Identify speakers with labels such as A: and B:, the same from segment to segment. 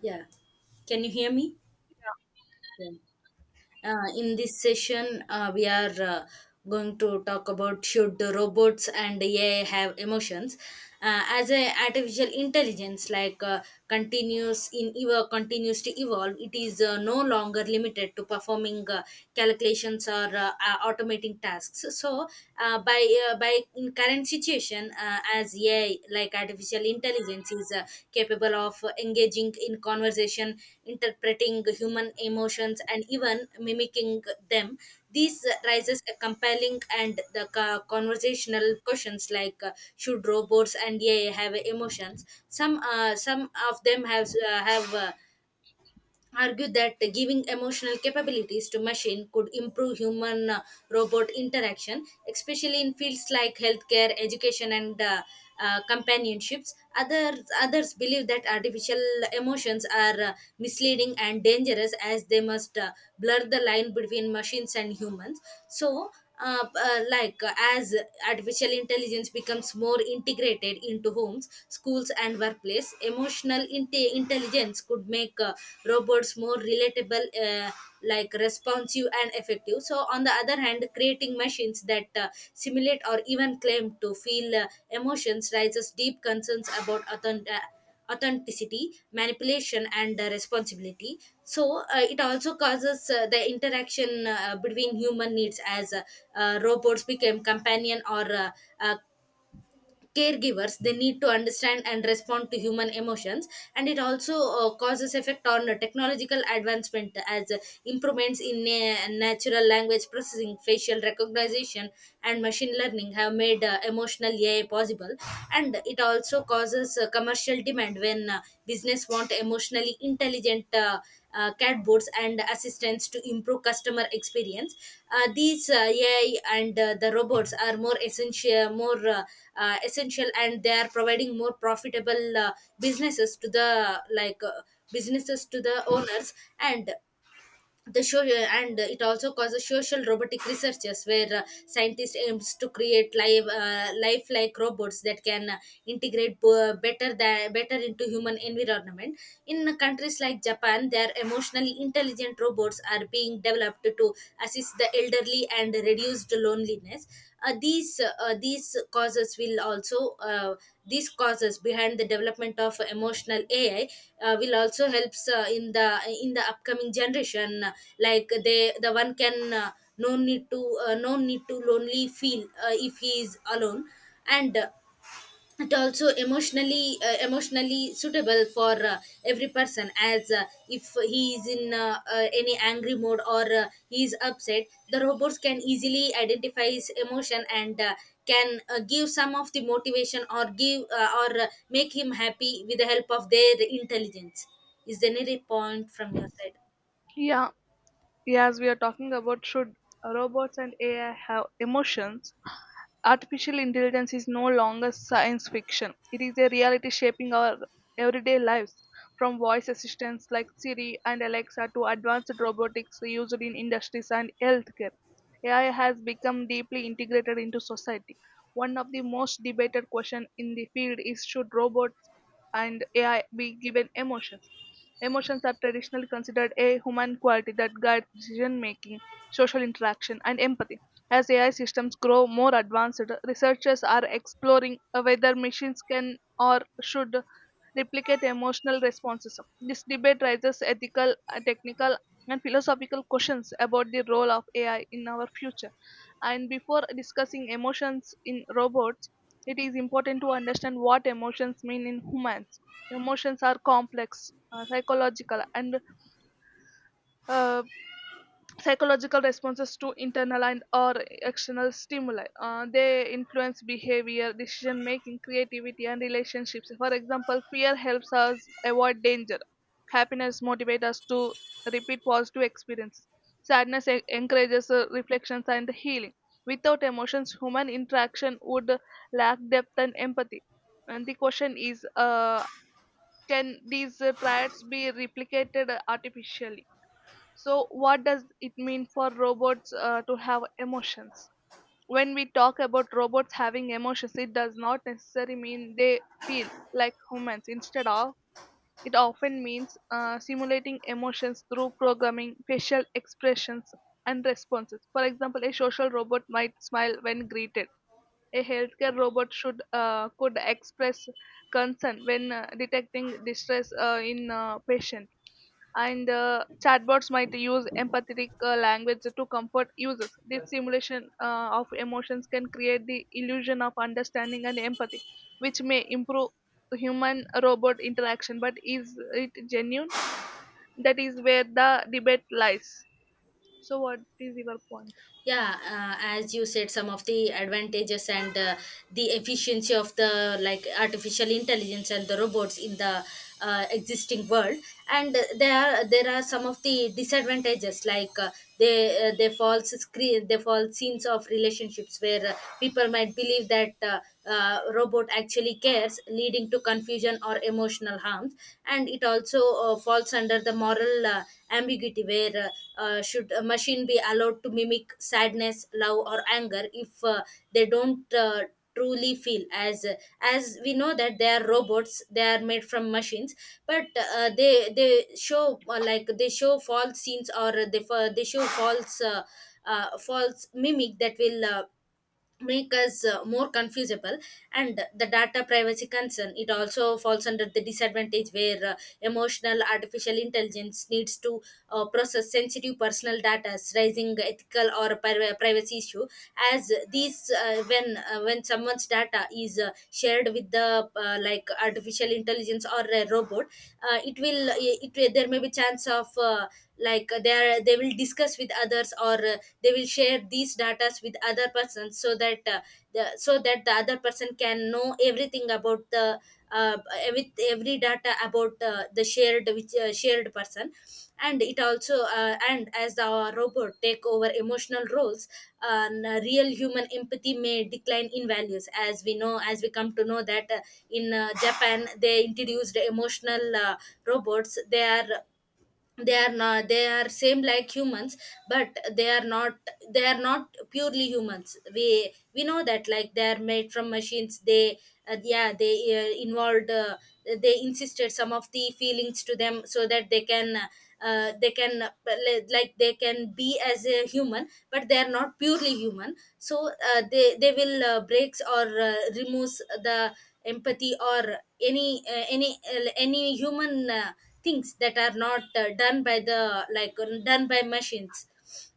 A: Yeah. Can you hear me?
B: Yeah,
A: Yeah. In this session, we are going to talk about, should the robots and AI have emotions? As a artificial intelligence, continues to evolve, it is no longer limited to performing calculations or automating tasks. By in current situation differentiation, as AI, like artificial intelligence, is capable of engaging in conversation, interpreting human emotions, and even mimicking them. This raises a compelling and conversational questions like, should robots and AI have emotions? Some of them have, argued that giving emotional capabilities to machine could improve human robot interaction, especially in fields like healthcare, education, and companionships. Others believe that artificial emotions are misleading and dangerous, as they must blur the line between machines and humans. So uh, uh, like uh, as artificial intelligence becomes more integrated into homes, schools, and workplace, emotional intelligence could make robots more relatable, like responsive and effective. So, on the other hand, creating machines that simulate or even claim to feel emotions raises deep concerns about authenticity, manipulation, and responsibility. so uh, it also causes the interaction between human needs. As robots became companion or uh, caregivers, they need to understand and respond to human emotions. And it also causes effect on the technological advancement, as improvements in natural language processing, facial recognition, and machine learning have made emotional ai possible. And it also causes commercial demand, when business want emotionally intelligent chatbots and assistants to improve customer experience. These AI and the robots are more essential, more essential, and they are providing more profitable businesses to the businesses to the owners. And the show and it also causes social robotic researchers, where scientists aims to create live lifelike robots that can integrate better into human environment. In countries like Japan, their emotionally intelligent robots are being developed to assist the elderly and reduce the loneliness. These causes will also these causes behind the development of emotional ai will also helps in the upcoming generation, the one can no need to no need to lonely feel if he is alone. And it also emotionally emotionally suitable for every person, as if he is in any angry mode, or he is upset, the robots can easily identify his emotion and can give some of the motivation, or give or make him happy with the help of their intelligence. Is there any point from your side?
B: yeah, yeah, as we are talking about should robots and AI have emotions, artificial intelligence is no longer science fiction. It is a reality shaping our everyday lives, from voice assistants like Siri and Alexa to advanced robotics used in industries and healthcare. AI has become deeply integrated into society. One of the most debated questions in the field is should robots and AI be given emotions? Emotions are traditionally considered a human quality that guides decision making, social interaction, and empathy. As AI systems grow more advanced, researchers are exploring whether machines can or should replicate emotional responses. This debate raises ethical, technical, and philosophical questions about the role of AI in our future. And before discussing emotions in robots, it is important to understand what emotions mean in humans. Emotions are complex, psychological, and uh, psychological responses to internal and or external stimuli. They influence behavior, decision making, creativity, and relationships. For example, fear helps us avoid danger, happiness motivates us to repeat positive experiences, encourages reflections and healing. Without emotions, human interaction would lack depth and empathy. And the question is, can these traits be replicated artificially? So, what does it mean for robots to have emotions? When we talk about robots having emotions, it does not necessarily mean they feel like humans. Instead of, it often means simulating emotions through programming, facial expressions, and responses. For example, a social robot might smile when greeted. A healthcare robot should could express concern when detecting distress in a patient, and chatbots might use empathetic language to comfort users. This simulation of emotions can create the illusion of understanding and empathy, which may improve human robot interaction. But is it genuine? That is where the debate lies. So, what is your point?
A: Yeah, as you said, some of the advantages and the efficiency of the like artificial intelligence and the robots in the existing world. And there are some of the disadvantages, like they false screen, they false scenes of relationships, where people might believe that robot actually cares, leading to confusion or emotional harms. And it also falls under the moral ambiguity, where should a machine be allowed to mimic sadness, love, or anger if they don't truly feel. As we know that they are robots, they are made from machines. But they show, like they show false scenes, or they show false false mimic, that will make us more confusable. And the data privacy concern, it also falls under the disadvantage, where emotional artificial intelligence needs to process sensitive personal data, raising ethical or privacy issue. As these uh, when uh, when someone's data is shared with the artificial intelligence or a robot, there may be chance of they will discuss with others, or they will share these data with other persons, so that so that the other person can know everything about the uh, with every data about the shared person. And it also and as the robot take over emotional roles, real human empathy may decline in values. As we know, as we come to know that, in Japan they introduced emotional robots. They are they are not, they are same like humans, but they are not. They are not purely humans. We know that like they are made from machines. They involved, they insisted some of the feelings to them, so that they can they can, like they can be as a human, but they are not purely human. So they will breaks or removes the empathy, or any any human things that are not done by the like done by machines.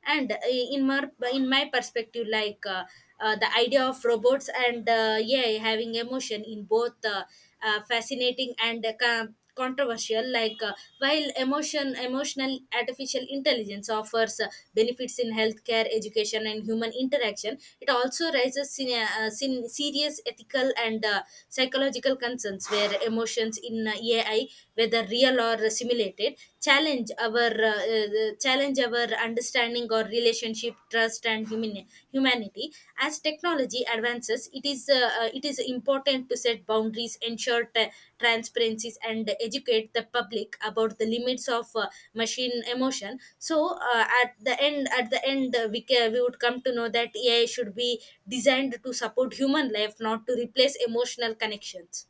A: And in my perspective, the idea of robots and having emotion in both fascinating and controversial. While emotional artificial intelligence offers benefits in healthcare, education, and human interaction, it also raises serious ethical and psychological concerns, where emotions in ai, whether real or simulated, created challenge our understanding or relationship, trust, and humanity. As technology advances, it is important to set boundaries, ensure transparencies, and educate the public about the limits of machine emotion. So, at the end we ca- we would come to know that ai should be designed to support human life, not to replace emotional connections.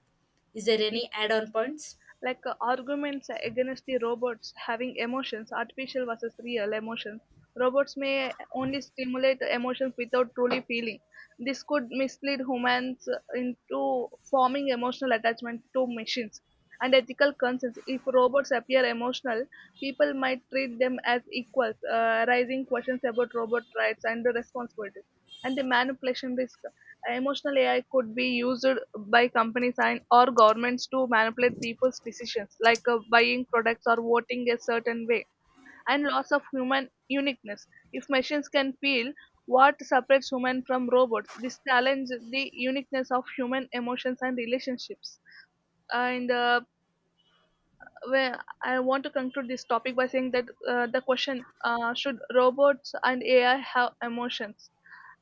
A: Is there any add on points?
B: Arguments against the robots having emotions, artificial versus real emotions. Robots may only stimulate emotions without truly feeling. This could mislead humans into forming emotional attachment to machines. And ethical concerns. If robots appear emotional, people might treat them as equals, raising questions about robot rights and the responsibilities. And the manipulation risk. Emotional AI could be used by companies and or governments to manipulate people's decisions, buying products or voting a certain way, and loss of human uniqueness. If machines can feel, what separates human from robots? This challenges the uniqueness of human emotions and relationships. And well, I want to conclude this topic by saying that the question, should robots and AI have emotions?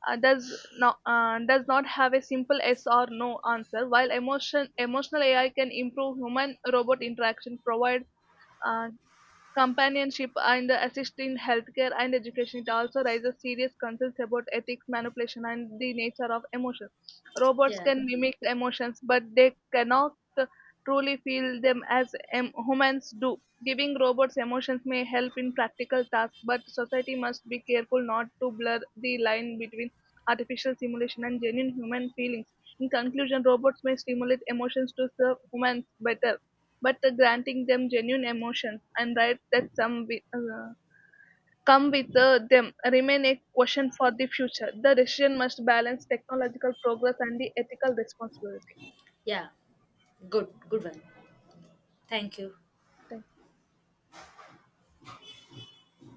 B: Does not have a simple yes or no answer. While emotional AI can improve human robot interaction, provide uh, companionship and assist in healthcare and education. It also raises serious concerns about ethics, manipulation, and the nature of emotions. Robots
A: Yeah.
B: can mimic emotions, but they cannot truly feel them as humans do. Giving robots emotions may help in practical tasks, but society must be careful not to blur the line between artificial simulation and genuine human feelings. In conclusion, robots may stimulate emotions to serve humans better, but granting them genuine emotions and rights that come with them remain a question for the future. The decision must balance technological progress and the ethical responsibility.
A: yeah Good, good one. Thank you.
B: Thank you.